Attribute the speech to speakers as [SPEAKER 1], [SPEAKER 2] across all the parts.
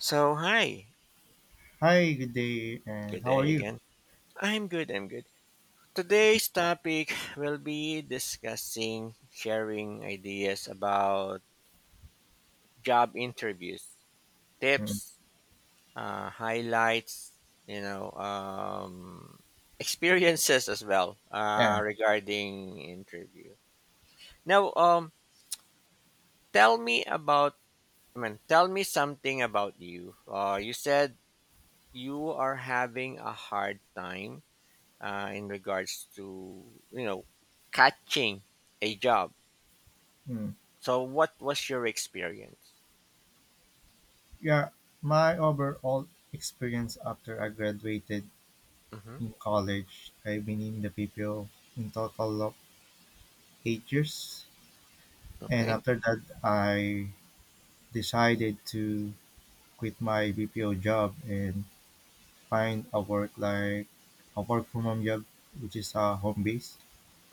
[SPEAKER 1] So, hi.
[SPEAKER 2] Hi, good day, and
[SPEAKER 1] Good
[SPEAKER 2] how are
[SPEAKER 1] day
[SPEAKER 2] you?
[SPEAKER 1] again. I'm good, I'm good. Today's topic will be discussing sharing ideas about job interviews,
[SPEAKER 2] Mm,
[SPEAKER 1] tips, highlights, you know, um, experiences as well
[SPEAKER 2] yeah,
[SPEAKER 1] regarding interview. Now, tell me about, I mean, tell me something about you. You said you are having a hard time in regards to you know catching a job.
[SPEAKER 2] mm,
[SPEAKER 1] So, what was your experience?
[SPEAKER 2] yeah. My overall experience after I graduated
[SPEAKER 1] Hmm.
[SPEAKER 2] in college, I've been in the PPO in total of 8 years, and
[SPEAKER 1] Okay.
[SPEAKER 2] after that, I decided to quit my BPO job and find a work like a work from home job, which is a home base.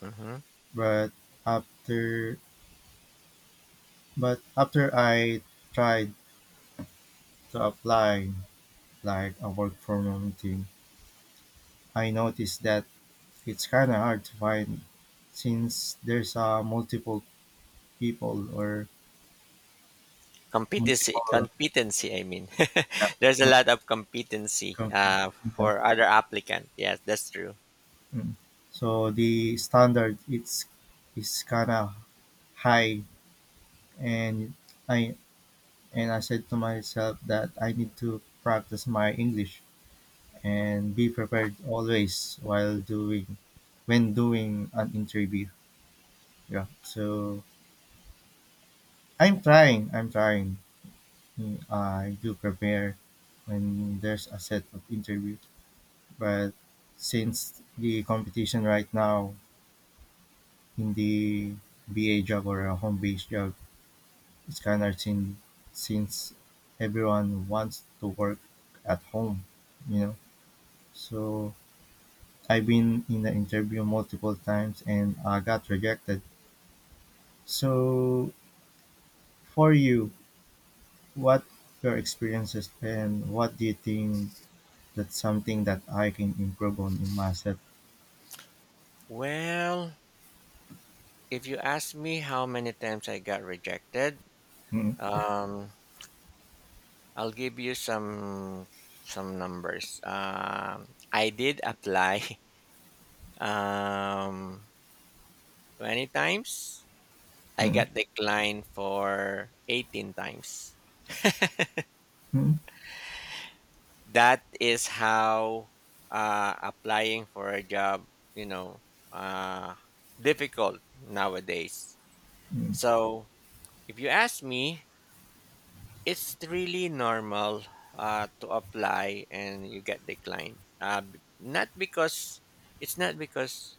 [SPEAKER 1] Hmm.
[SPEAKER 2] But after, but after I tried to apply like a work from home thing I noticed that it's kind of hard to find since there's multiple people or
[SPEAKER 1] Competency,
[SPEAKER 2] multiple,
[SPEAKER 1] competency. I mean,
[SPEAKER 2] yeah,
[SPEAKER 1] there's a lot
[SPEAKER 2] multiple
[SPEAKER 1] of competency
[SPEAKER 2] company, you know.
[SPEAKER 1] for other applicant. Yes, that's true.
[SPEAKER 2] Mm. So the standard it's is kind of high, and I I said to myself that I need to practice my English and be prepared always while doing when doing an interview. Yeah. So I'm trying. Mm, I do prepare when there's a set of interview, but since the competition right now in the BA job or a home based job is kind of thin since everyone wants to work at home, you know. So I've been in the interview multiple times and I got rejected. So for you, what your experiences and what do you think? That's something that I can improve on in myself.
[SPEAKER 1] Well, if you ask me how many times I got rejected,
[SPEAKER 2] Mm,
[SPEAKER 1] um, I'll give you some numbers. I did apply um, 20 times I
[SPEAKER 2] mm,
[SPEAKER 1] got declined for 18 times.
[SPEAKER 2] mm,
[SPEAKER 1] That is how applying for a job, you know, uh, difficult nowadays.
[SPEAKER 2] mm,
[SPEAKER 1] So if you ask me, it's really normal to apply and you get declined. Not because it's not because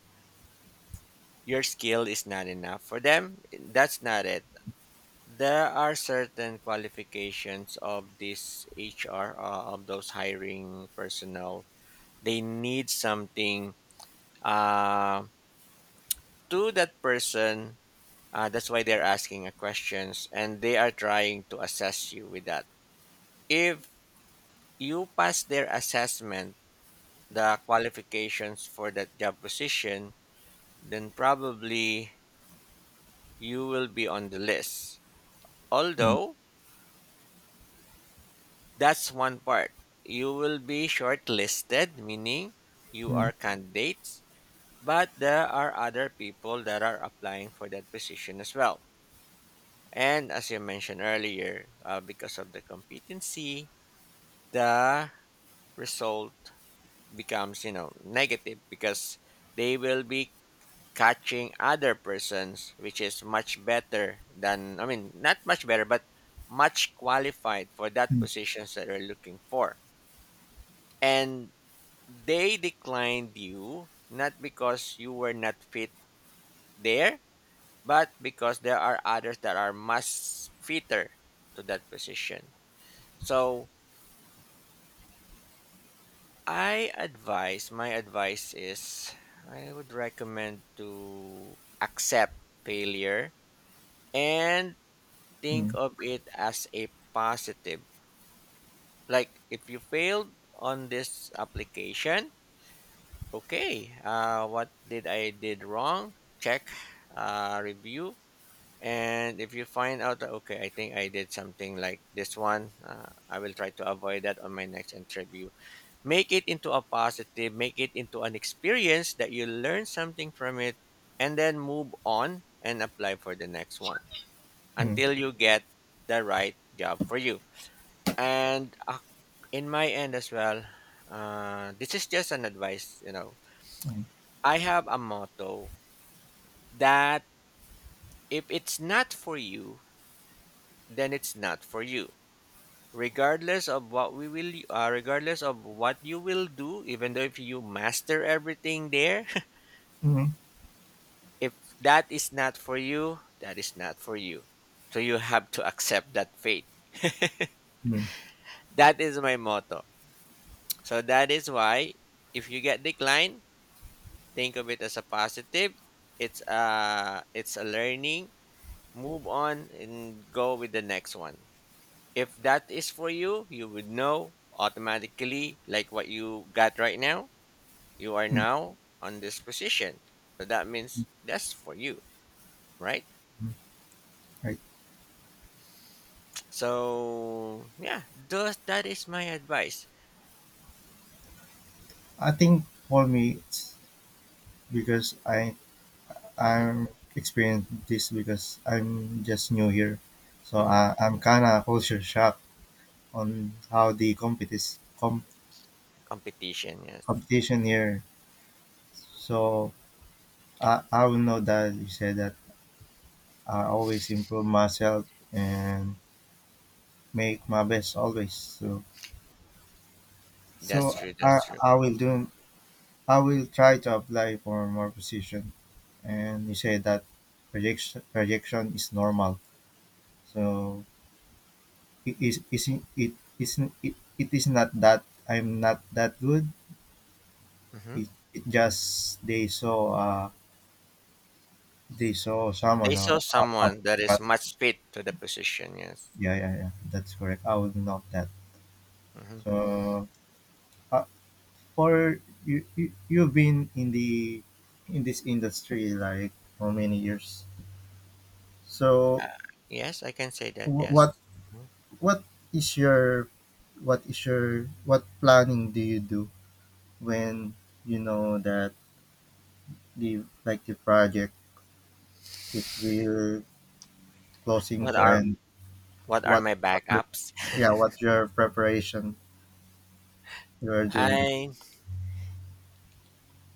[SPEAKER 1] your skill is not enough for them. That's not it. There are certain qualifications of this HR of those hiring personnel. They need something uh, to that person. That's why they're asking a questions, and they are trying to assess you with that. If you pass their assessment, the qualifications for that job position, then probably you will be on the list.
[SPEAKER 2] mm,
[SPEAKER 1] Although that's one part. You will be shortlisted, meaning you
[SPEAKER 2] mm,
[SPEAKER 1] are candidates, but there are other people that are applying for that position as well. And as you mentioned earlier, because of the competency, the result becomes, you know, negative because they will be catching other persons, which is much better than, I mean, not much better, but much qualified for that
[SPEAKER 2] mm, mm,
[SPEAKER 1] positions that they're looking for. And they declined you not because you were not fit there, but because there are others that are much fitter to that position. So I advise, my advice is I would recommend to accept failure and think
[SPEAKER 2] mm,
[SPEAKER 1] of it as a positive. Like if you failed on this application, okay, what did I did wrong? Check, review, and if you find out that, okay, I think I did something like this one, I will try to avoid that on my next interview. Make it into a positive, make it into an experience that you learn something from it, and then move on and apply for the next one
[SPEAKER 2] mm,
[SPEAKER 1] until you get the right job for you. And in my end as well, this is just an advice, you know.
[SPEAKER 2] mm,
[SPEAKER 1] I have a motto that if it's not for you, then it's not for you regardless of what we will regardless of what you will do even though if you master everything there if that is not for you that is not for you, so you have to accept that fate.
[SPEAKER 2] mm,
[SPEAKER 1] That is my motto, so that is why if you get declined, think of it as a positive. It's a learning, move on and go with the next one. If that is for you, you would know automatically, like what you got right now, you are
[SPEAKER 2] mm,
[SPEAKER 1] now on this position. So that means that's for you, right?
[SPEAKER 2] mm. Right.
[SPEAKER 1] So yeah, those that is my advice.
[SPEAKER 2] I think for me, it's because I
[SPEAKER 1] Mm-hmm.
[SPEAKER 2] I'm experienced this because I'm just new here, so
[SPEAKER 1] Mm-hmm.
[SPEAKER 2] I'm kind of culture shock on how the
[SPEAKER 1] Competition, yes,
[SPEAKER 2] competition here. So I will know that you said that I always improve myself and make my best always. So
[SPEAKER 1] that's
[SPEAKER 2] so
[SPEAKER 1] true.
[SPEAKER 2] I
[SPEAKER 1] That's true.
[SPEAKER 2] I will do I will try to apply for more position. And you say that projection is normal. So it is isn't it, it is not that I'm not that good.
[SPEAKER 1] Mm-hmm.
[SPEAKER 2] It, it just they saw
[SPEAKER 1] They
[SPEAKER 2] someone
[SPEAKER 1] saw
[SPEAKER 2] or up
[SPEAKER 1] someone that is
[SPEAKER 2] but
[SPEAKER 1] much fit to the position. Yes.
[SPEAKER 2] yeah, yeah, yeah, that's correct. I will note that.
[SPEAKER 1] Mm-hmm.
[SPEAKER 2] So I, for you, you've been in the in this industry like how many years? So
[SPEAKER 1] Uh, yes, I can say that.
[SPEAKER 2] wh- what
[SPEAKER 1] Yes. Mhm.
[SPEAKER 2] what is your what planning do you do when you know that the like the project it will closing
[SPEAKER 1] What
[SPEAKER 2] to
[SPEAKER 1] are
[SPEAKER 2] end?
[SPEAKER 1] what are
[SPEAKER 2] What
[SPEAKER 1] my
[SPEAKER 2] what pre-
[SPEAKER 1] backups?
[SPEAKER 2] yeah what your preparation you are doing?
[SPEAKER 1] I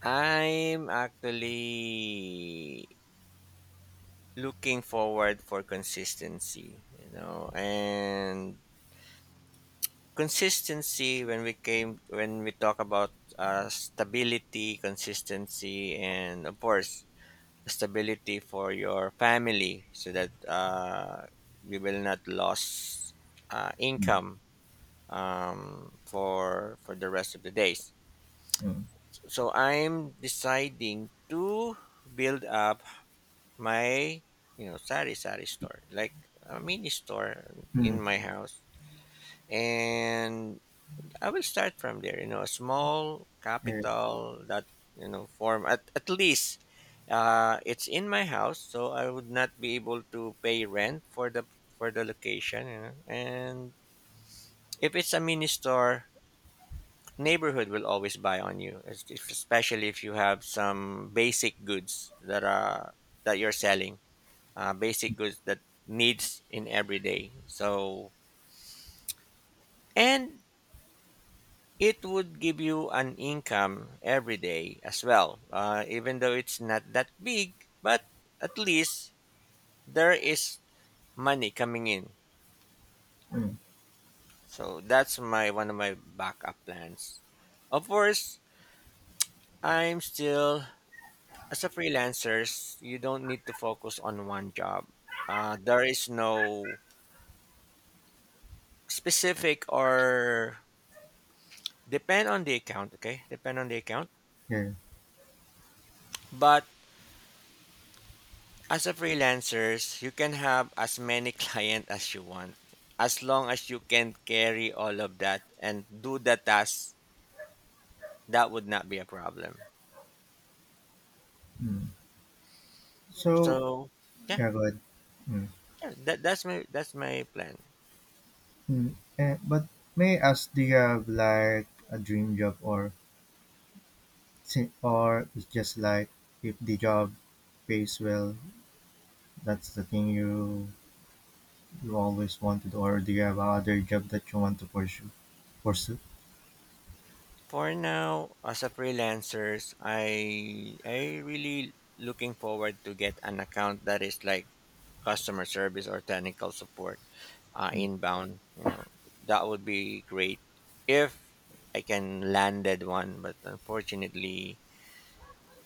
[SPEAKER 1] I'm actually looking forward for consistency you know, and consistency when we came when we talk about stability, consistency, and of course stability for your family so that you will not lose
[SPEAKER 2] Mm,
[SPEAKER 1] income, for the rest of the days.
[SPEAKER 2] mm,
[SPEAKER 1] So I'm deciding to build up my, you know, sari sari store, like a mini store
[SPEAKER 2] mm,
[SPEAKER 1] in my house. And I will start from there, you know, a small
[SPEAKER 2] yeah,
[SPEAKER 1] capital that, you know, form at least it's in my house so I would not be able to pay rent for the location, you know. And if it's a mini store, neighborhood will always buy on you, especially if you have some basic goods that are that you're selling, basic goods that needs in every day. So and it would give you an income every day as well, even though it's not that big. But at least there is money coming in.
[SPEAKER 2] mm,
[SPEAKER 1] So that's my one of my backup plans. Of course I'm still, as a freelancer, you don't need to focus on one job. There is no specific or depend on the account. Okay, depend on the account.
[SPEAKER 2] yeah,
[SPEAKER 1] But as a freelancers, you can have as many clients as you want. As long as you can carry all of that and do the task, that would not be a problem.
[SPEAKER 2] mm. So
[SPEAKER 1] So yeah,
[SPEAKER 2] yeah, go ahead. Mm-hmm.
[SPEAKER 1] yeah that's my plan.
[SPEAKER 2] Hmm, but may I ask, do you have like a dream job or or it's just like if the job pays well, that's the thing you you always wanted, or do you have other job that you want to pursue?
[SPEAKER 1] For now, as a freelancers, I really looking forward to get an account that is like customer service or technical support,
[SPEAKER 2] Mm,
[SPEAKER 1] inbound, you know, that would be great if I can landed one. But unfortunately,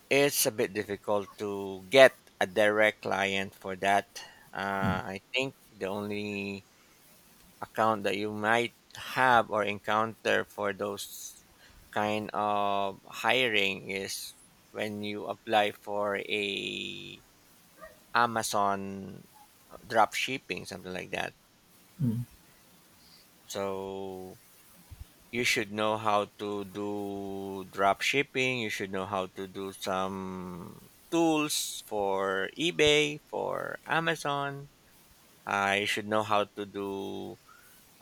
[SPEAKER 1] it's a bit difficult to get a direct client for that.
[SPEAKER 2] mm,
[SPEAKER 1] I think the only account that you might have or encounter for those kind of hiring is when you apply for a amazon drop shipping something like that.
[SPEAKER 2] mm,
[SPEAKER 1] So you should know how to do drop shipping, you should know how to do some tools for ebay for amazon. You should know how to do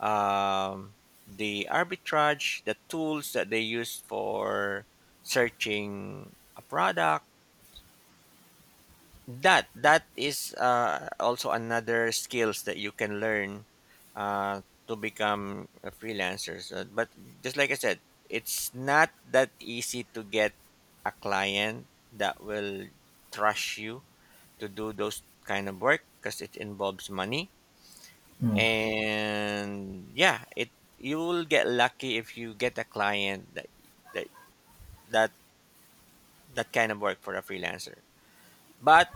[SPEAKER 1] um, the arbitrage, the tools that they use for searching a product. That that is also another skills that you can learn to become a freelancer. So, but just like I said, it's not that easy to get a client that will trust you to do those kind of work because it involves money.
[SPEAKER 2] mm,
[SPEAKER 1] And yeah, it you will get lucky if you get a client that that that, that kind of work for a freelancer. But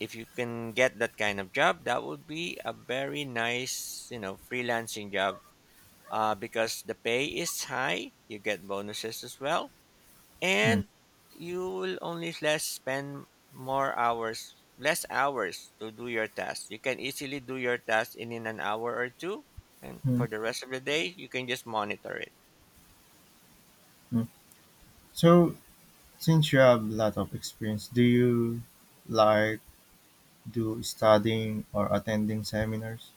[SPEAKER 1] if you can get that kind of job, that would be a very nice, you know, freelancing job, because the pay is high, you get bonuses as well,
[SPEAKER 2] mm,
[SPEAKER 1] and you will only less spend more hours, less hours to do your task. You can easily do your task in an hour or two, and for
[SPEAKER 2] mm,
[SPEAKER 1] the rest of the day, you can just monitor it.
[SPEAKER 2] mm. So since you have a lot of experience, do you like do studying or attending seminars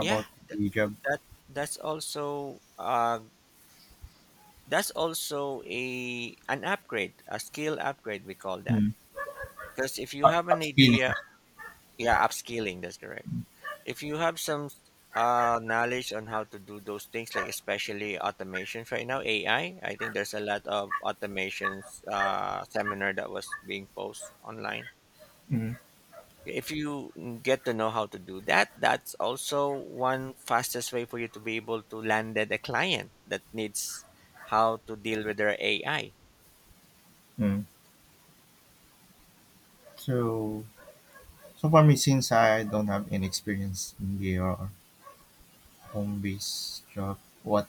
[SPEAKER 1] Yeah, th-
[SPEAKER 2] the job?
[SPEAKER 1] that that's also uh, that's also a an upgrade, a skill upgrade. We call that.
[SPEAKER 2] Mm.
[SPEAKER 1] Because if you
[SPEAKER 2] Up-
[SPEAKER 1] have an
[SPEAKER 2] Upskilling.
[SPEAKER 1] idea, yeah, upskilling, that's correct. If you have some knowledge on how to do those things, like especially automations right now, AI, I think there's a lot of automations seminar that was being posted online.
[SPEAKER 2] Mm.
[SPEAKER 1] If you get to know how to do that, that's also one fastest way for you to be able to land at a client that needs how to deal with their AI.
[SPEAKER 2] Mm. So so for me, since I don't have any experience in your home-based job,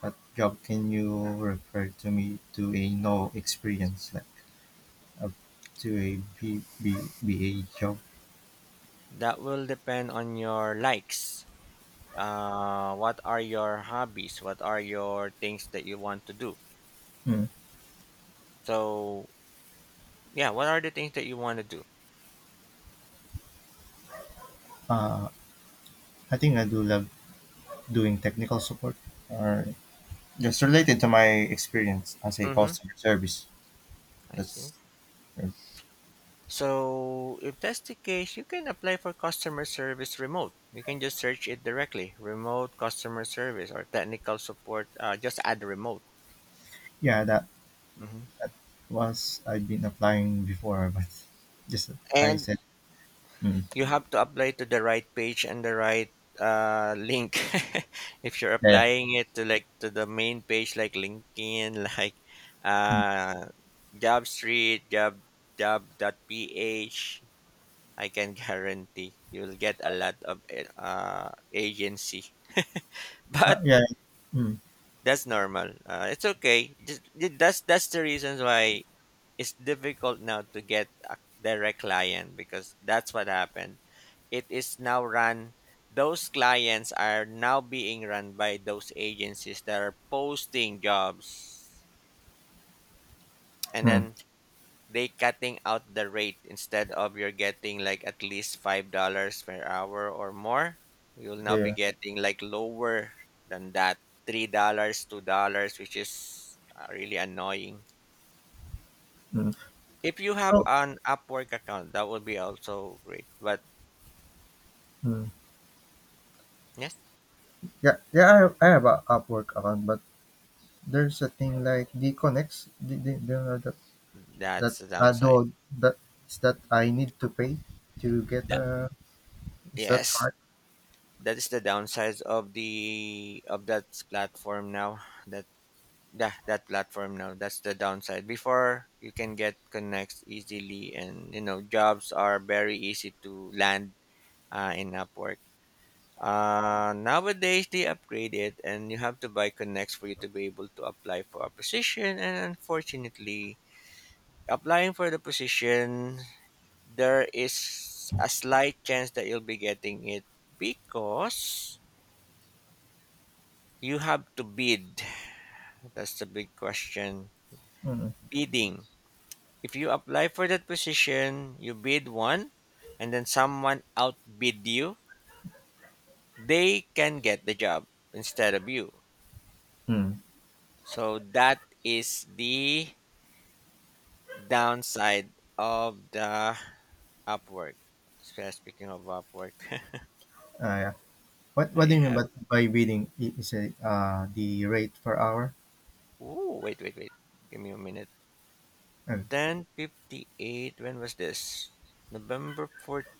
[SPEAKER 2] what job can you refer to me to a no experience like up to a B A job?
[SPEAKER 1] That will depend on your likes. Uh, what are your hobbies? What are your things that you want to do?
[SPEAKER 2] Hmm.
[SPEAKER 1] So, yeah, what are the things that you want to do?
[SPEAKER 2] Uh, I think I do love doing technical support or just related to my experience as a
[SPEAKER 1] Mm-hmm.
[SPEAKER 2] customer service.
[SPEAKER 1] I
[SPEAKER 2] That's
[SPEAKER 1] see. So, if that's the case, you can apply for customer service remote. You can just search it directly remote customer service or technical support. Just add remote.
[SPEAKER 2] yeah, that
[SPEAKER 1] Hmm.
[SPEAKER 2] was I've been applying before, but just I
[SPEAKER 1] And
[SPEAKER 2] said mm,
[SPEAKER 1] you have to apply to the right page and the right link if you're
[SPEAKER 2] yeah, yeah.
[SPEAKER 1] applying it to like to the main page like linkedin like
[SPEAKER 2] mm,
[SPEAKER 1] uh job job job.ph, I can guarantee you'll get a lot of agency. But
[SPEAKER 2] yeah. Mm,
[SPEAKER 1] that's normal, it's okay. Just, that's the reasons why it's difficult now to get a direct client because that's what happened. It is now run, those clients are now being run by those agencies that are posting jobs. And
[SPEAKER 2] mm.
[SPEAKER 1] then they cutting out the rate instead of you're getting like at least $5 per hour or more. You'll now
[SPEAKER 2] Yeah.
[SPEAKER 1] be
[SPEAKER 2] yeah.
[SPEAKER 1] getting like lower than that. $3, $2, which is really annoying.
[SPEAKER 2] Mm.
[SPEAKER 1] If you have
[SPEAKER 2] So
[SPEAKER 1] an Upwork account, that would be also great. But
[SPEAKER 2] mm.
[SPEAKER 1] yes,
[SPEAKER 2] Yeah, yeah, I have a Upwork account, but there's a thing like Dconex. Do you know that that
[SPEAKER 1] that's the downside.
[SPEAKER 2] do that is that I need to pay to get
[SPEAKER 1] That,
[SPEAKER 2] a is that
[SPEAKER 1] yes,
[SPEAKER 2] card?
[SPEAKER 1] that is the downside of the of that platform now that platform now that's the downside. Before you can get connects easily and you know jobs are very easy to land in upwork. Nowadays they upgrade it and you have to buy connects for you to be able to apply for a position. And unfortunately, applying for the position there is a slight chance that you'll be getting it because you have to bid. That's the big question.
[SPEAKER 2] Mm.
[SPEAKER 1] Bidding. If you apply for that position, you bid one, and then someone outbid you, they can get the job instead of you.
[SPEAKER 2] Mm.
[SPEAKER 1] So that is the downside of the Upwork. Speaking of Upwork,
[SPEAKER 2] Ah, yeah. What do
[SPEAKER 1] I
[SPEAKER 2] you mean
[SPEAKER 1] have.
[SPEAKER 2] by bidding? I- Is it the rate per hour?
[SPEAKER 1] Ooh, wait, wait, wait. Give me a minute.
[SPEAKER 2] Oh,
[SPEAKER 1] 10:58. When was this? November 14th.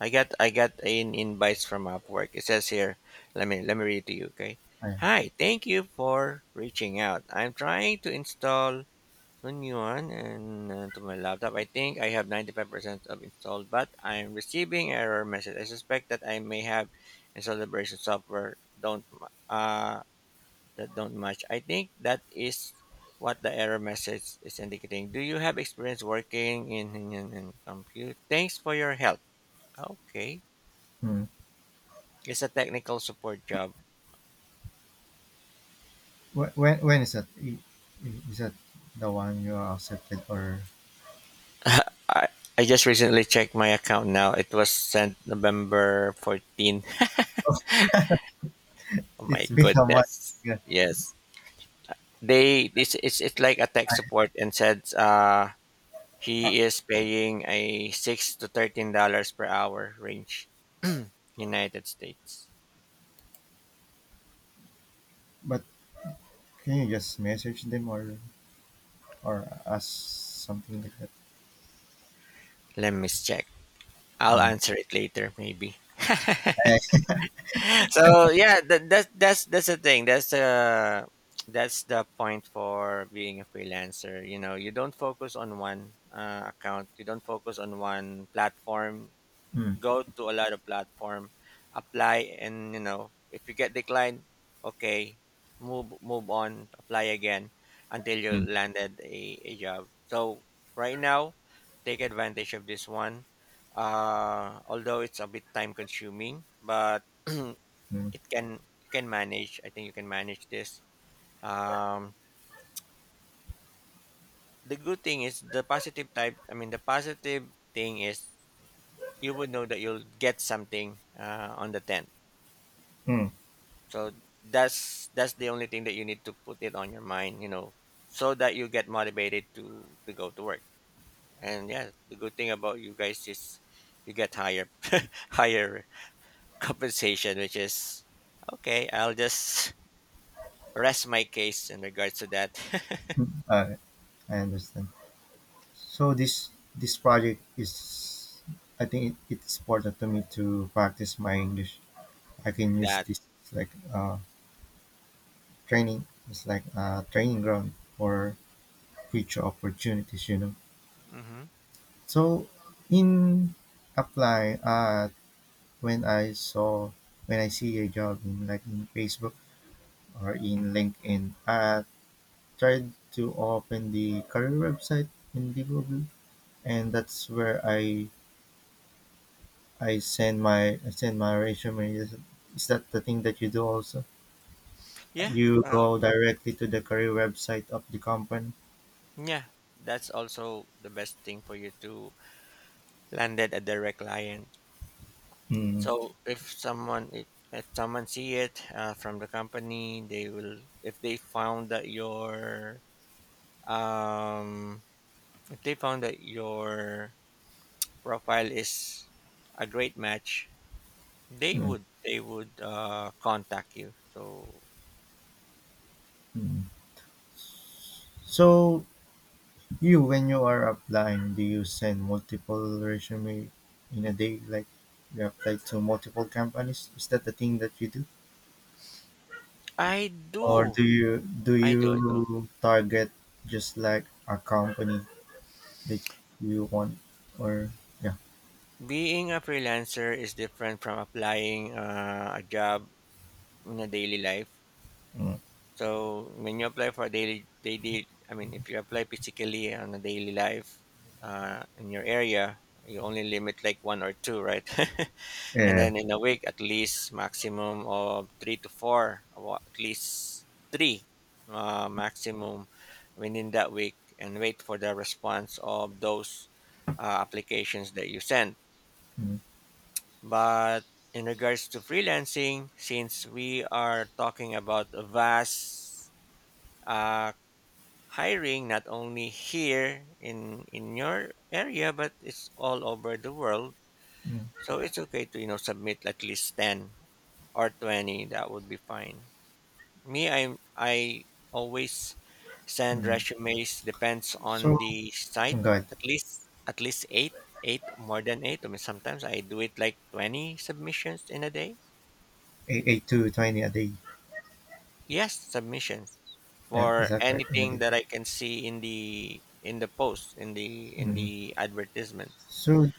[SPEAKER 1] I got an invite from Upwork. It says here, let me read it to you, okay?
[SPEAKER 2] ah, yeah.
[SPEAKER 1] Hi, thank you for reaching out. I'm trying to install a new one and to my laptop. I think I have 95% of installed, but I'm receiving error message. I suspect that I may have installed version software don't ma- that don't match. I think that is what the error message is indicating. Do you have experience working in compute? Thanks for your help. Okay.
[SPEAKER 2] Mm.
[SPEAKER 1] It's a technical support job.
[SPEAKER 2] When, when is that? Is that the one you are accepted or
[SPEAKER 1] I, I just recently checked my account now. It was sent November 14th. Oh my
[SPEAKER 2] it's been a month?
[SPEAKER 1] goodness.
[SPEAKER 2] Yeah.
[SPEAKER 1] Yes. They this it's like a tech support and said
[SPEAKER 2] Uh,
[SPEAKER 1] he is paying a $6 to $13 per hour range. United States.
[SPEAKER 2] but can you just message them or? Or us something like that.
[SPEAKER 1] Let me check. I'll
[SPEAKER 2] Mm.
[SPEAKER 1] answer it later maybe.
[SPEAKER 2] I,
[SPEAKER 1] So yeah, that's the thing. That's the point for being a freelancer. You know, you don't focus on one account. You don't focus on one platform.
[SPEAKER 2] mm,
[SPEAKER 1] Go to a lot of platform, apply, and you know, if you get declined, okay, move on, apply again until you
[SPEAKER 2] mm,
[SPEAKER 1] landed a job. So right now, take advantage of this one. Although it's a bit time consuming, but
[SPEAKER 2] mm,
[SPEAKER 1] it can you can manage. I think you can manage this, um the good thing is the positive type. I mean the positive thing is you would know that you'll get something on the 10th.
[SPEAKER 2] mm,
[SPEAKER 1] So that's the only thing that you need to put it on your mind, you know, so that you get motivated to go to work. And yeah, the good thing about you guys is you get higher higher compensation, which is okay. I'll just rest my case in regards to that.
[SPEAKER 2] mm. I understand. So this project is, I think it's important to me to practice my English. I can use
[SPEAKER 1] That
[SPEAKER 2] this like training. It's like a training ground for future opportunities, you know.
[SPEAKER 1] mhm.
[SPEAKER 2] So in apply, when I saw when I see a job in like in Facebook or in LinkedIn, tried to open the career website in Liverpool, and that's where I send my resume. Is that the thing that you do also?
[SPEAKER 1] Yeah,
[SPEAKER 2] You
[SPEAKER 1] well,
[SPEAKER 2] go directly to the career website of the company.
[SPEAKER 1] yeah, that's also the best thing for you to landed a direct client.
[SPEAKER 2] Mm,
[SPEAKER 1] So if someone see it from the company, they will, if they found that your um if they found that your profile is a great match,
[SPEAKER 2] mm,
[SPEAKER 1] they would contact you. So
[SPEAKER 2] mm. So you, when you are applying, do you send multiple resume in a day? Like you apply to multiple companies? Is that the thing that you do?
[SPEAKER 1] I
[SPEAKER 2] Or
[SPEAKER 1] do,
[SPEAKER 2] do you do
[SPEAKER 1] I do.
[SPEAKER 2] you target just like a company like you want or yeah.
[SPEAKER 1] Being a freelancer is different from applying a job in a daily life.
[SPEAKER 2] Mm.
[SPEAKER 1] So when you apply for a daily, I mean, if you apply physically on a daily life in your area, you only limit like one or two, right? And
[SPEAKER 2] Yeah.
[SPEAKER 1] then in a week, at least maximum of three to four, or at least three maximum within that week, and wait for the response of those applications that you send.
[SPEAKER 2] mm,
[SPEAKER 1] But in regards to freelancing, since we are talking about a vast uh, hiring, not only here in your area, but it's all over the world.
[SPEAKER 2] mm,
[SPEAKER 1] So it's okay to, you know, submit at least 10 or 20. That would be fine. Me, I always send
[SPEAKER 2] mm.
[SPEAKER 1] resumes. Depends on
[SPEAKER 2] so
[SPEAKER 1] the
[SPEAKER 2] oh
[SPEAKER 1] site.
[SPEAKER 2] god
[SPEAKER 1] At least eight, more than eight. I mean, sometimes I do it like 20 submissions in a day.
[SPEAKER 2] Eight, eight to 20 a day.
[SPEAKER 1] Yes, submissions
[SPEAKER 2] Yeah, is
[SPEAKER 1] for
[SPEAKER 2] that correct in a
[SPEAKER 1] anything
[SPEAKER 2] day?
[SPEAKER 1] that I can see in the post in the in
[SPEAKER 2] mm.
[SPEAKER 1] the advertisement.
[SPEAKER 2] so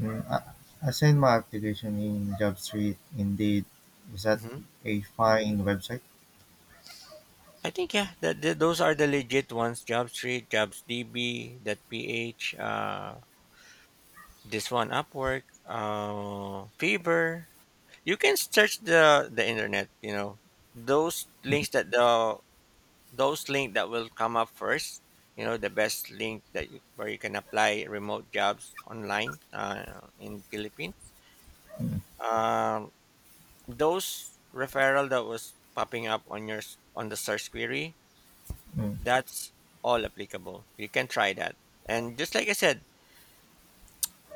[SPEAKER 2] mm, I sent my application in JobStreet indeed is that
[SPEAKER 1] hmm
[SPEAKER 2] a fine website?
[SPEAKER 1] I think, yeah, those are the legit ones: JobStreet, JobsDB, that PH, this one Upwork, Fever. You can search the internet. You know those links that the those link that will come up first. You know the best link that where you can apply remote jobs online in Philippines.
[SPEAKER 2] mm,
[SPEAKER 1] um, those referral that was popping up on on the search query,
[SPEAKER 2] mm,
[SPEAKER 1] that's all applicable. You can try that. And just like I said,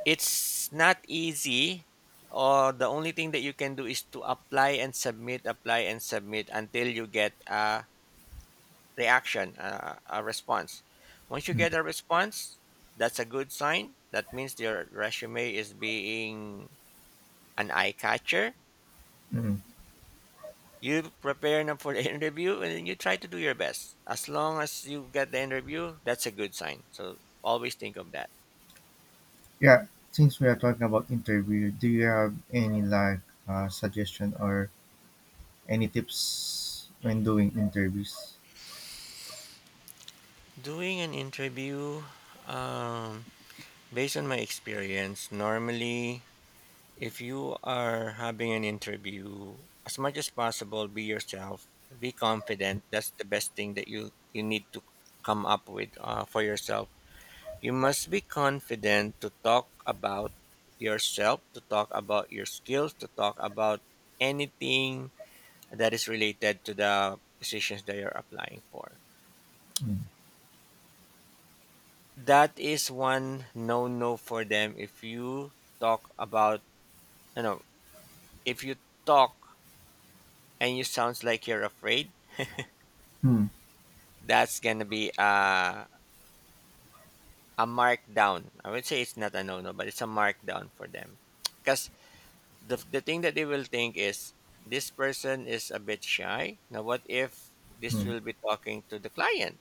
[SPEAKER 1] it's not easy. Or the only thing that you can do is to apply and submit, apply and submit until you get a reaction, a response. Once you
[SPEAKER 2] mm,
[SPEAKER 1] get a response, that's a good sign. That means your resume is being an eye catcher.
[SPEAKER 2] mm.
[SPEAKER 1] You prepare them for the interview and then you try to do your best. As long as you get the interview, that's a good sign. So always think of that.
[SPEAKER 2] Yeah, since we are talking about interview do you have any like suggestion or any tips when doing interviews?
[SPEAKER 1] Doing an interview, um, based on my experience, normally if you are having an interview, as much as possible, be yourself, be confident. That's the best thing that you need to come up with for yourself. You must be confident to talk about yourself, to talk about your skills, to talk about anything that is related to the positions that you're applying for.
[SPEAKER 2] mm,
[SPEAKER 1] That is one no no for them. If you talk about, you know, if you talk and you sounds like you're afraid,
[SPEAKER 2] mm,
[SPEAKER 1] that's going to be a markdown. I would say it's not a no no, but it's a markdown for them. Because the thing that they will think is, this person is a bit shy. Now what if this
[SPEAKER 2] mm.
[SPEAKER 1] will be talking to the client?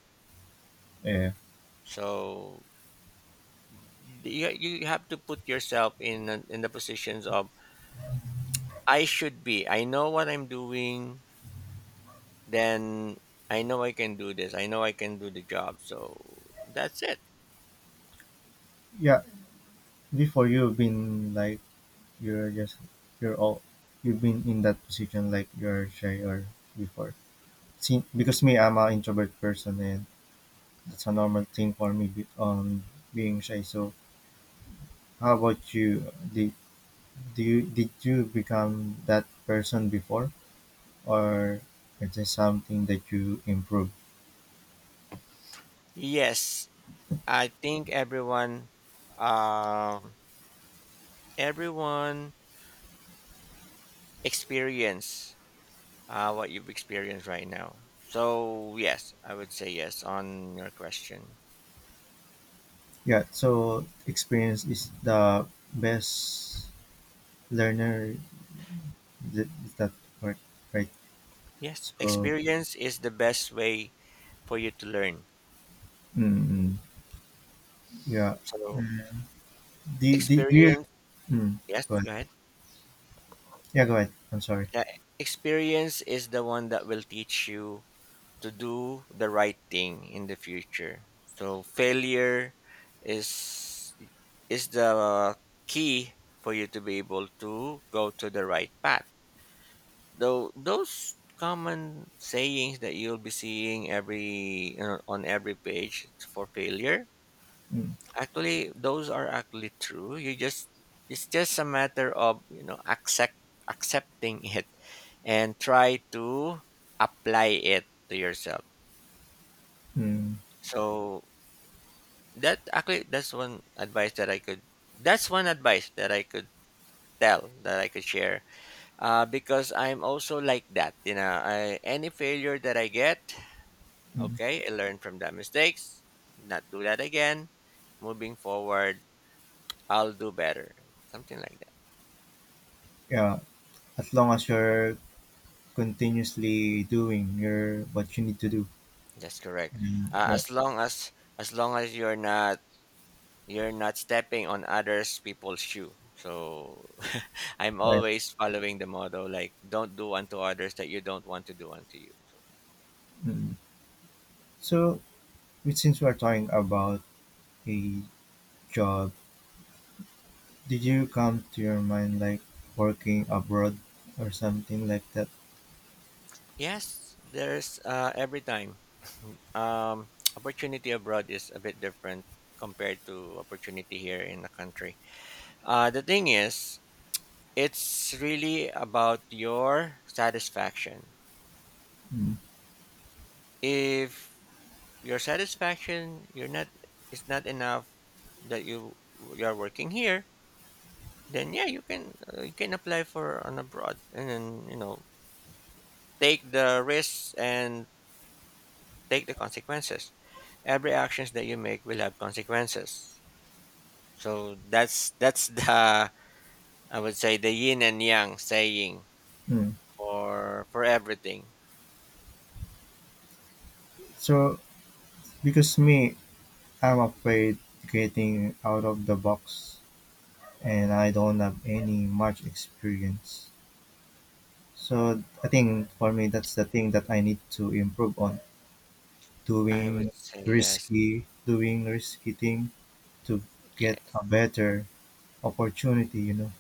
[SPEAKER 2] yeah
[SPEAKER 1] So you have to put yourself in the positions of, I should be, I know what I'm doing. Then I know I can do this, I know I can do the job. So that's it.
[SPEAKER 2] yeah before you've been like you're just you're all you've been in that position like you're shy or before. See, because me I'm an introvert person and that's a normal thing for me being shy, so how about you? Did do you did you become that person before or is it something that you improve?
[SPEAKER 1] Yes, I think everyone, um everyone experience what you've experienced right now. So, yes, I would say yes on your question.
[SPEAKER 2] Yeah, so experience is the best learner. Is that right right?
[SPEAKER 1] Yes,
[SPEAKER 2] So
[SPEAKER 1] experience is the best way for you to learn.
[SPEAKER 2] mm, mm. Yeah.
[SPEAKER 1] So,
[SPEAKER 2] Mm. Do do you
[SPEAKER 1] experience,
[SPEAKER 2] mm,
[SPEAKER 1] yes,
[SPEAKER 2] go ahead.
[SPEAKER 1] go ahead.
[SPEAKER 2] Yeah, go ahead. I'm sorry.
[SPEAKER 1] Yeah, experience is the one that will teach you to do the right thing in the future. So, failure is is the key for you to be able to go to the right path. Though those common sayings that you'll be seeing every, you know, on every page for failure,
[SPEAKER 2] Mm,
[SPEAKER 1] actually those are actually true. You just, it's just a matter of, you know, accepting it and try to apply it to yourself.
[SPEAKER 2] mm,
[SPEAKER 1] So that actually, that's one advice that I could tell, that I could share. Because I'm also like that, you know. Any failure that I get,
[SPEAKER 2] mm.
[SPEAKER 1] okay, I learned from that mistakes. Not do that again. Moving forward, I'll do better. Something like that.
[SPEAKER 2] Yeah, as long as you're continuously doing your what you need to do.
[SPEAKER 1] That's correct.
[SPEAKER 2] Mm, yeah,
[SPEAKER 1] As long as you're not, you're not stepping on others people's shoe. So I'm
[SPEAKER 2] right.
[SPEAKER 1] always following the motto like, don't do unto others that you don't want to do unto you. So
[SPEAKER 2] Mm. So, which since we're talking about a job, did you come to your mind like working abroad or something like that?
[SPEAKER 1] yes, there's every time opportunity abroad is a bit different compared to opportunity here in the country. The thing is, it's really about your satisfaction.
[SPEAKER 2] Mm.
[SPEAKER 1] If your satisfaction you're not it's not enough that you're working here, then yeah, you can apply for an abroad, and then, you know, take the risks and take the consequences. Every actions that you make will have consequences. So that's the I would say the yin and yang saying
[SPEAKER 2] Mm.
[SPEAKER 1] for everything.
[SPEAKER 2] So, because me, I'm afraid getting out of the box and I don't have any much experience. So I think for me that's the thing that I need to improve on.
[SPEAKER 1] I
[SPEAKER 2] Doing
[SPEAKER 1] would say yes.
[SPEAKER 2] risky thing to get a better opportunity, you know.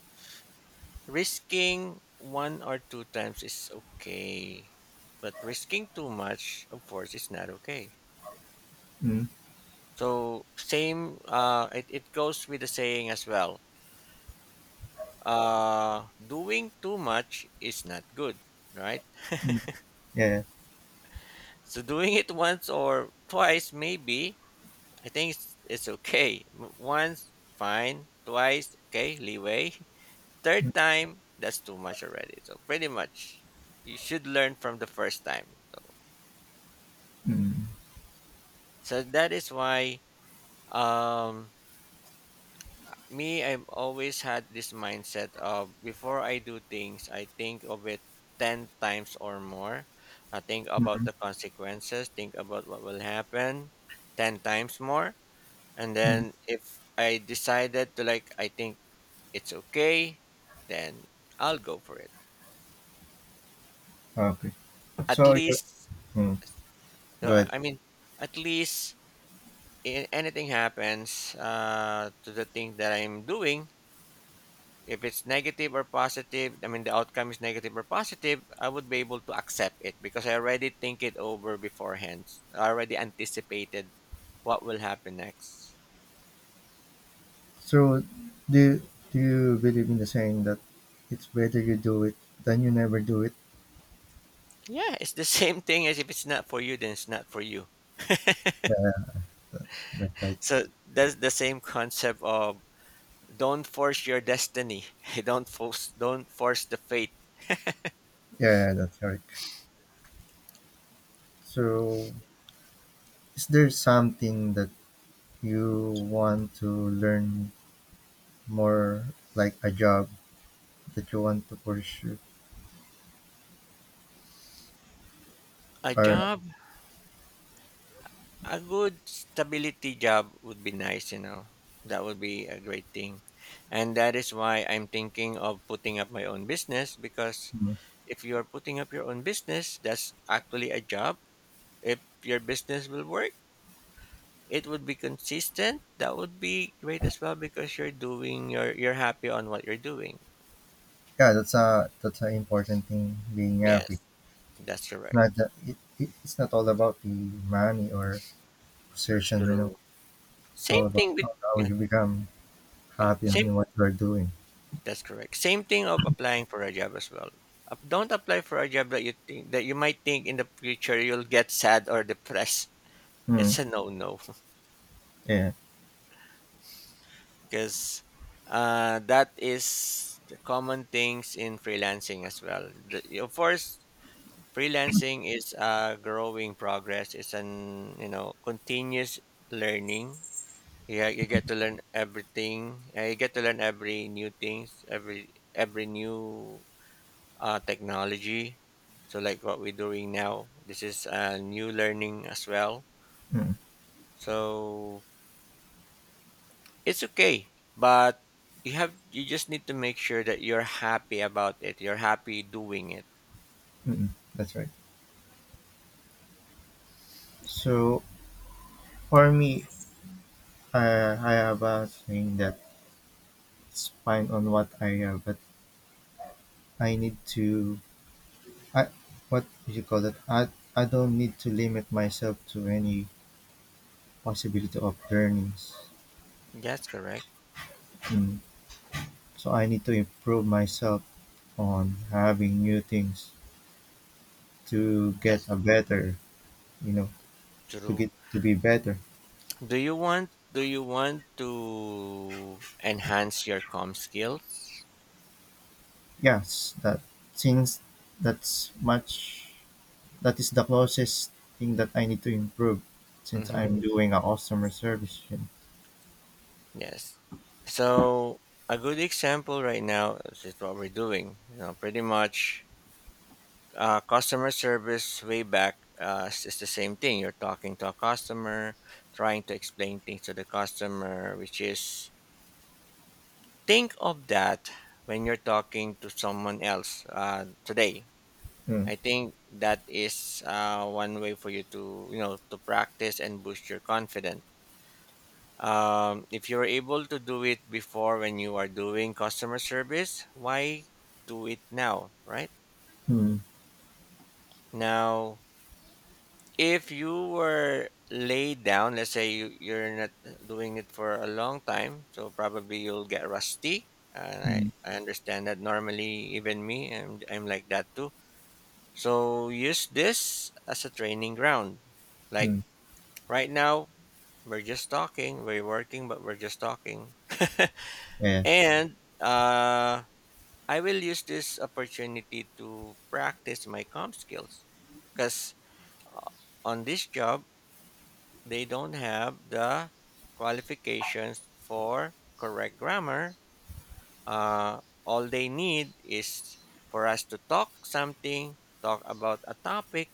[SPEAKER 1] Risking one or two times is okay, but risking too much, of course, is not okay.
[SPEAKER 2] Mm,
[SPEAKER 1] So same, it goes with the saying as well. Doing too much is not good, right?
[SPEAKER 2] mm, yeah.
[SPEAKER 1] So doing it once or twice, maybe, I think it's okay. Once fine, twice okay, leeway. Third time, that's too much already. So pretty much you should learn from the first time.
[SPEAKER 2] Mm,
[SPEAKER 1] So that is why, um me, I've always had this mindset of, before I do things, I think of it 10 times or more. I think about
[SPEAKER 2] mm,
[SPEAKER 1] the consequences, think about what will happen 10 times more. And
[SPEAKER 2] mm.
[SPEAKER 1] then if I decided to, like, I think it's okay, then I'll go for it.
[SPEAKER 2] Okay.
[SPEAKER 1] At
[SPEAKER 2] So you
[SPEAKER 1] least,
[SPEAKER 2] mm,
[SPEAKER 1] so I
[SPEAKER 2] good.
[SPEAKER 1] I mean at least in anything happens to the thing that I'm doing, if it's negative or positive, I mean, the outcome is negative or positive, I would be able to accept it because I already think it over beforehand. I already anticipated what will happen next.
[SPEAKER 2] So do do you believe in the saying that it's better you do it than you never do it?
[SPEAKER 1] Yeah, it's the same thing as, if it's not for you, then it's not for you.
[SPEAKER 2] That's right.
[SPEAKER 1] So that's the same concept of, don't force your destiny. Don't force the fate.
[SPEAKER 2] Yeah, that's correct. So is there something that you want to learn more like a job that you want to pursue
[SPEAKER 1] A
[SPEAKER 2] or
[SPEAKER 1] job. A good stability job would be nice, you know. That would be a great thing. And that is why I'm thinking of putting up my own business. Because
[SPEAKER 2] mm,
[SPEAKER 1] if you are putting up your own business, that's actually a job. If your business will work, it would be consistent. That would be great as well, because you're doing your you're happy on what you're doing.
[SPEAKER 2] yeah, that's a that's an important thing being happy.
[SPEAKER 1] Yes, that's
[SPEAKER 2] It's
[SPEAKER 1] correct.
[SPEAKER 2] not that it's not all about the money or position, you know.
[SPEAKER 1] True.
[SPEAKER 2] It's all
[SPEAKER 1] Same
[SPEAKER 2] about
[SPEAKER 1] thing with
[SPEAKER 2] how
[SPEAKER 1] yeah,
[SPEAKER 2] you become
[SPEAKER 1] yeah.
[SPEAKER 2] happy
[SPEAKER 1] Same
[SPEAKER 2] and what you're doing.
[SPEAKER 1] That's correct. Same thing of applying for a job as well. Don't apply for a job that you might think in the future you'll get sad or depressed.
[SPEAKER 2] mm,
[SPEAKER 1] It's a no-no.
[SPEAKER 2] yeah
[SPEAKER 1] Because that is the common things in freelancing as well. The, of course, freelancing is a growing progress. It's an continuous learning. Yeah, you get to learn everything. You get to learn every new things, every new technology. So, like what we're doing now, this is a new learning as well.
[SPEAKER 2] mm,
[SPEAKER 1] So it's okay, but you just need to make sure that you're happy about it. You're happy doing it.
[SPEAKER 2] mm, that's right. So for me I have a thing that's fine on what I have, but I need to I what do you call that? I don't need to limit myself to any possibility of learnings.
[SPEAKER 1] That's correct.
[SPEAKER 2] Mm. So I need to improve myself on having new things to get a
[SPEAKER 1] That's
[SPEAKER 2] better, you know, to
[SPEAKER 1] true.
[SPEAKER 2] get to be better.
[SPEAKER 1] Do you want to enhance your com skills?
[SPEAKER 2] Yes, that since that's much that is the closest thing that I need to improve since
[SPEAKER 1] Mm-hmm.
[SPEAKER 2] I'm doing a customer service, you know.
[SPEAKER 1] Yes. So a good example right now is what we're doing. You know, pretty much customer service way back is the same thing. You're talking to a customer, trying to explain things to the customer, which is think of that when you're talking to someone else today.
[SPEAKER 2] Mm.
[SPEAKER 1] I think that is one way for you to to practice and boost your confidence. If you're able to do it before when you are doing customer service, why do it now, right?
[SPEAKER 2] Mm.
[SPEAKER 1] Now if you were laid down, let's say you're not doing it for a long time, so probably you'll get rusty. And
[SPEAKER 2] Mm.
[SPEAKER 1] I understand that normally, even me, I'm like that too. So use this as a training ground. Like
[SPEAKER 2] Mm.
[SPEAKER 1] right now, we're just talking, we're working, but we're just talking.
[SPEAKER 2] Yeah.
[SPEAKER 1] And I will use this opportunity to practice my comp skills because on this job, they don't have the qualifications for correct grammar. Uh, all they need is for us to talk something, talk about a topic,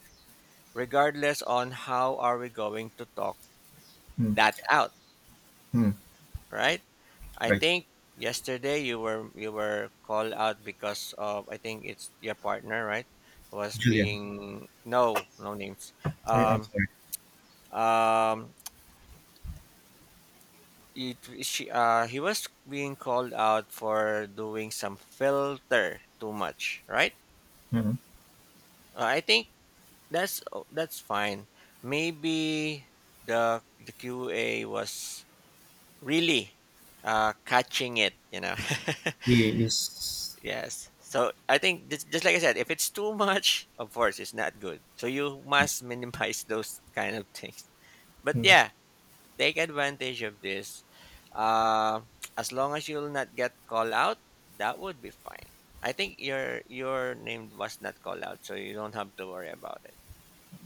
[SPEAKER 1] regardless on how are we going to talk
[SPEAKER 2] Mm.
[SPEAKER 1] that out,
[SPEAKER 2] Mm.
[SPEAKER 1] right? I
[SPEAKER 2] Right.
[SPEAKER 1] think yesterday you were called out because of I think it's your partner, right? Was
[SPEAKER 2] Julian.
[SPEAKER 1] being no no names.
[SPEAKER 2] I, I'm
[SPEAKER 1] Um,
[SPEAKER 2] sorry.
[SPEAKER 1] um, it she he was being called out for doing some filter too much, right?
[SPEAKER 2] Mhm.
[SPEAKER 1] I think that's oh, that's fine. Maybe the QA was really catching it, you know.
[SPEAKER 2] You you s-
[SPEAKER 1] Yes, so I think just like I said, if it's too much, of course it's not good, so you must minimize those kind of things, but
[SPEAKER 2] mm,
[SPEAKER 1] yeah, take advantage of this. Uh, as long as you'll not get called out, that would be fine. I think your name was not called out, so you don't have to worry about it.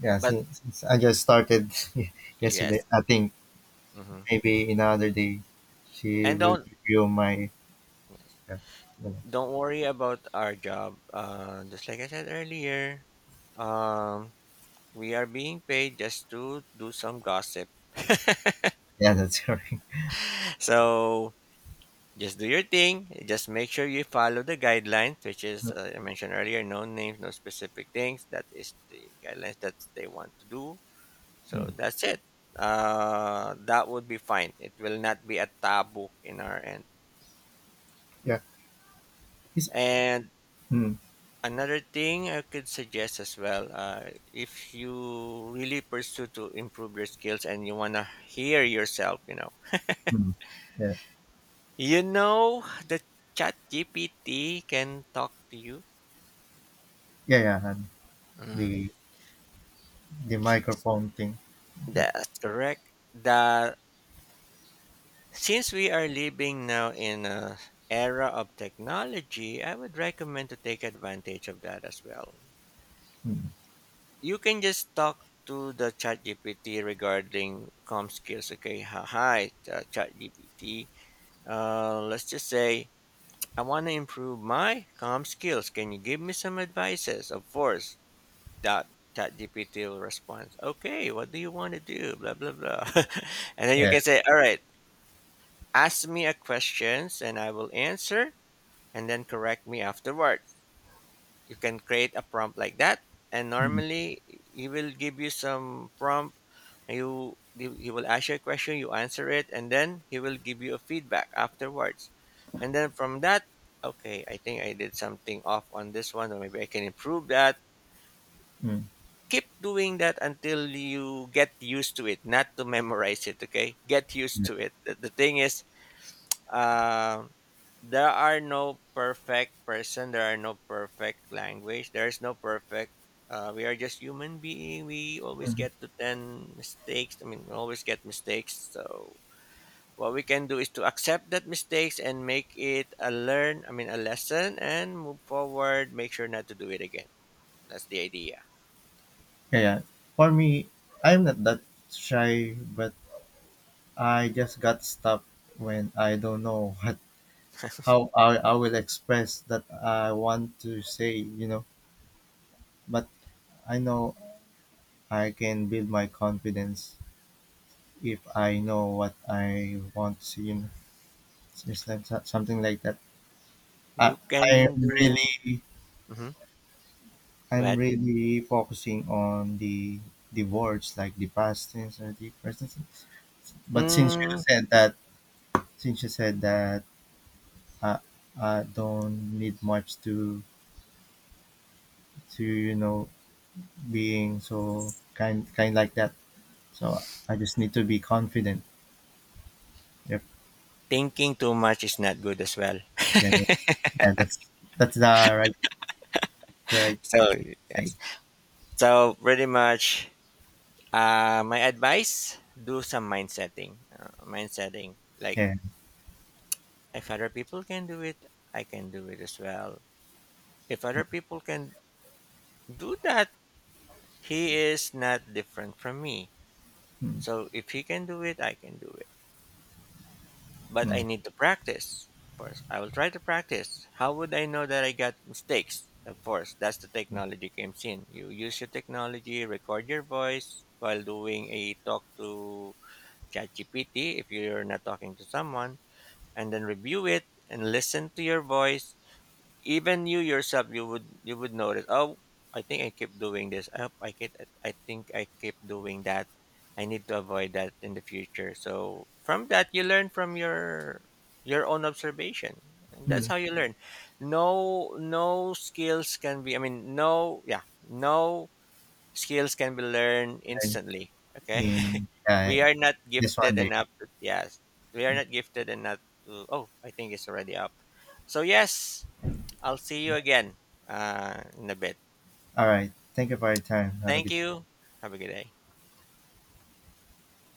[SPEAKER 2] yeah,
[SPEAKER 1] But
[SPEAKER 2] since I just started yesterday,
[SPEAKER 1] yes,
[SPEAKER 2] I think
[SPEAKER 1] hmm,
[SPEAKER 2] maybe in another day she
[SPEAKER 1] and
[SPEAKER 2] will review my yeah, yeah,
[SPEAKER 1] don't worry about our job. Just like I said earlier, um, we are being paid just to do some gossip.
[SPEAKER 2] yeah, that's correct.
[SPEAKER 1] So just do your thing. Just make sure you follow the guidelines, which
[SPEAKER 2] Mm,
[SPEAKER 1] is I mentioned earlier. No names, no specific things. That is the guidelines that they want to do. So
[SPEAKER 2] mm,
[SPEAKER 1] that's it. That would be fine. It will not be a taboo in our end.
[SPEAKER 2] yeah. It's,
[SPEAKER 1] And
[SPEAKER 2] mm,
[SPEAKER 1] another thing I could suggest as well, if you really pursue to improve your skills and you wanna hear yourself,
[SPEAKER 2] mm, yeah.
[SPEAKER 1] you know that Chat GPT can talk to you.
[SPEAKER 2] Yeah, yeah, and
[SPEAKER 1] Mm.
[SPEAKER 2] the the microphone thing that
[SPEAKER 1] That's correct. That since we are living now in a era of technology, I would recommend to take advantage of that as well.
[SPEAKER 2] mm,
[SPEAKER 1] You can just talk to the ChatGPT regarding com skills. Okay, hi, ChatGPT. Let's just say I want to improve my com skills. Can you give me some advices? Of course, that ChatGPT will respond. Okay, what do you want to do? Blah blah blah, and then you
[SPEAKER 2] yeah.
[SPEAKER 1] can say, all right. Ask me a questions and I will answer and then correct me afterward. You can create a prompt like that, and
[SPEAKER 2] Mm,
[SPEAKER 1] normally he will give you some prompt. You He will ask you a question, you answer it, and then he will give you a feedback afterwards, and then from that, okay, I think I did something off on this one, or maybe I can improve that.
[SPEAKER 2] mm,
[SPEAKER 1] Keep doing that until you get used to it, not to memorize it. Okay, get used
[SPEAKER 2] yeah.
[SPEAKER 1] to it. The thing is um there are no perfect person, there are no perfect language, there's no perfect we are just human being. We always
[SPEAKER 2] Mm.
[SPEAKER 1] get to 10 mistakes, I mean we always get mistakes. So what we can do is to accept that mistakes and make it a learn I mean a lesson and move forward, make sure not to do it again. That's the idea.
[SPEAKER 2] Yeah, yeah. For me, I'm not that shy, but I just got stopped when I don't know what how I will express that I want to say, you know. But I know I can build my confidence if I know what I want to see, you know. So it's just like something like that. I,
[SPEAKER 1] You can
[SPEAKER 2] I'm
[SPEAKER 1] do.
[SPEAKER 2] really
[SPEAKER 1] Mm-hmm.
[SPEAKER 2] I'm
[SPEAKER 1] Go.
[SPEAKER 2] really focusing on the words like the past tense or the present tense. But since you
[SPEAKER 1] Mm.
[SPEAKER 2] said that, Since you said that, I, I don't need much to you know being so kind like that. So I just need to be confident. Yep.
[SPEAKER 1] Thinking too much is not good as well.
[SPEAKER 2] Yeah, yeah, yeah, that's right the right
[SPEAKER 1] So
[SPEAKER 2] thing.
[SPEAKER 1] yes, so pretty much my advice: do some mind setting. Mind setting, like
[SPEAKER 2] Yeah.
[SPEAKER 1] if other people can do it, I can do it as well. If other people can do that, he is not different from me.
[SPEAKER 2] Mm,
[SPEAKER 1] So if he can do it, I can do it. But I
[SPEAKER 2] mm,
[SPEAKER 1] need to practice first. I will try to practice. How would I know that I got mistakes? Of course, that's the technology comes in. You use your technology, record your voice while doing a talk to ChatGPT if you're not talking to someone, and then review it and listen to your voice. Even you yourself, you would notice, oh, I think I keep doing this, I hope I keep I keep doing that. I need to avoid that in the future. So from that you learn from your own observation, and that's
[SPEAKER 2] mm.
[SPEAKER 1] how you learn. No skills can be I mean no, yeah, no skills can be learned
[SPEAKER 2] Right.
[SPEAKER 1] instantly. Okay.
[SPEAKER 2] In
[SPEAKER 1] We are not
[SPEAKER 2] just one
[SPEAKER 1] gifted
[SPEAKER 2] day.
[SPEAKER 1] enough to, yes, we are
[SPEAKER 2] Mm.
[SPEAKER 1] not gifted enough to. Oh, I think it's already up, so yes, I'll see you again in a bit.
[SPEAKER 2] All right. Thank you for your time. Have a
[SPEAKER 1] Thank
[SPEAKER 2] good
[SPEAKER 1] you. Have a good day.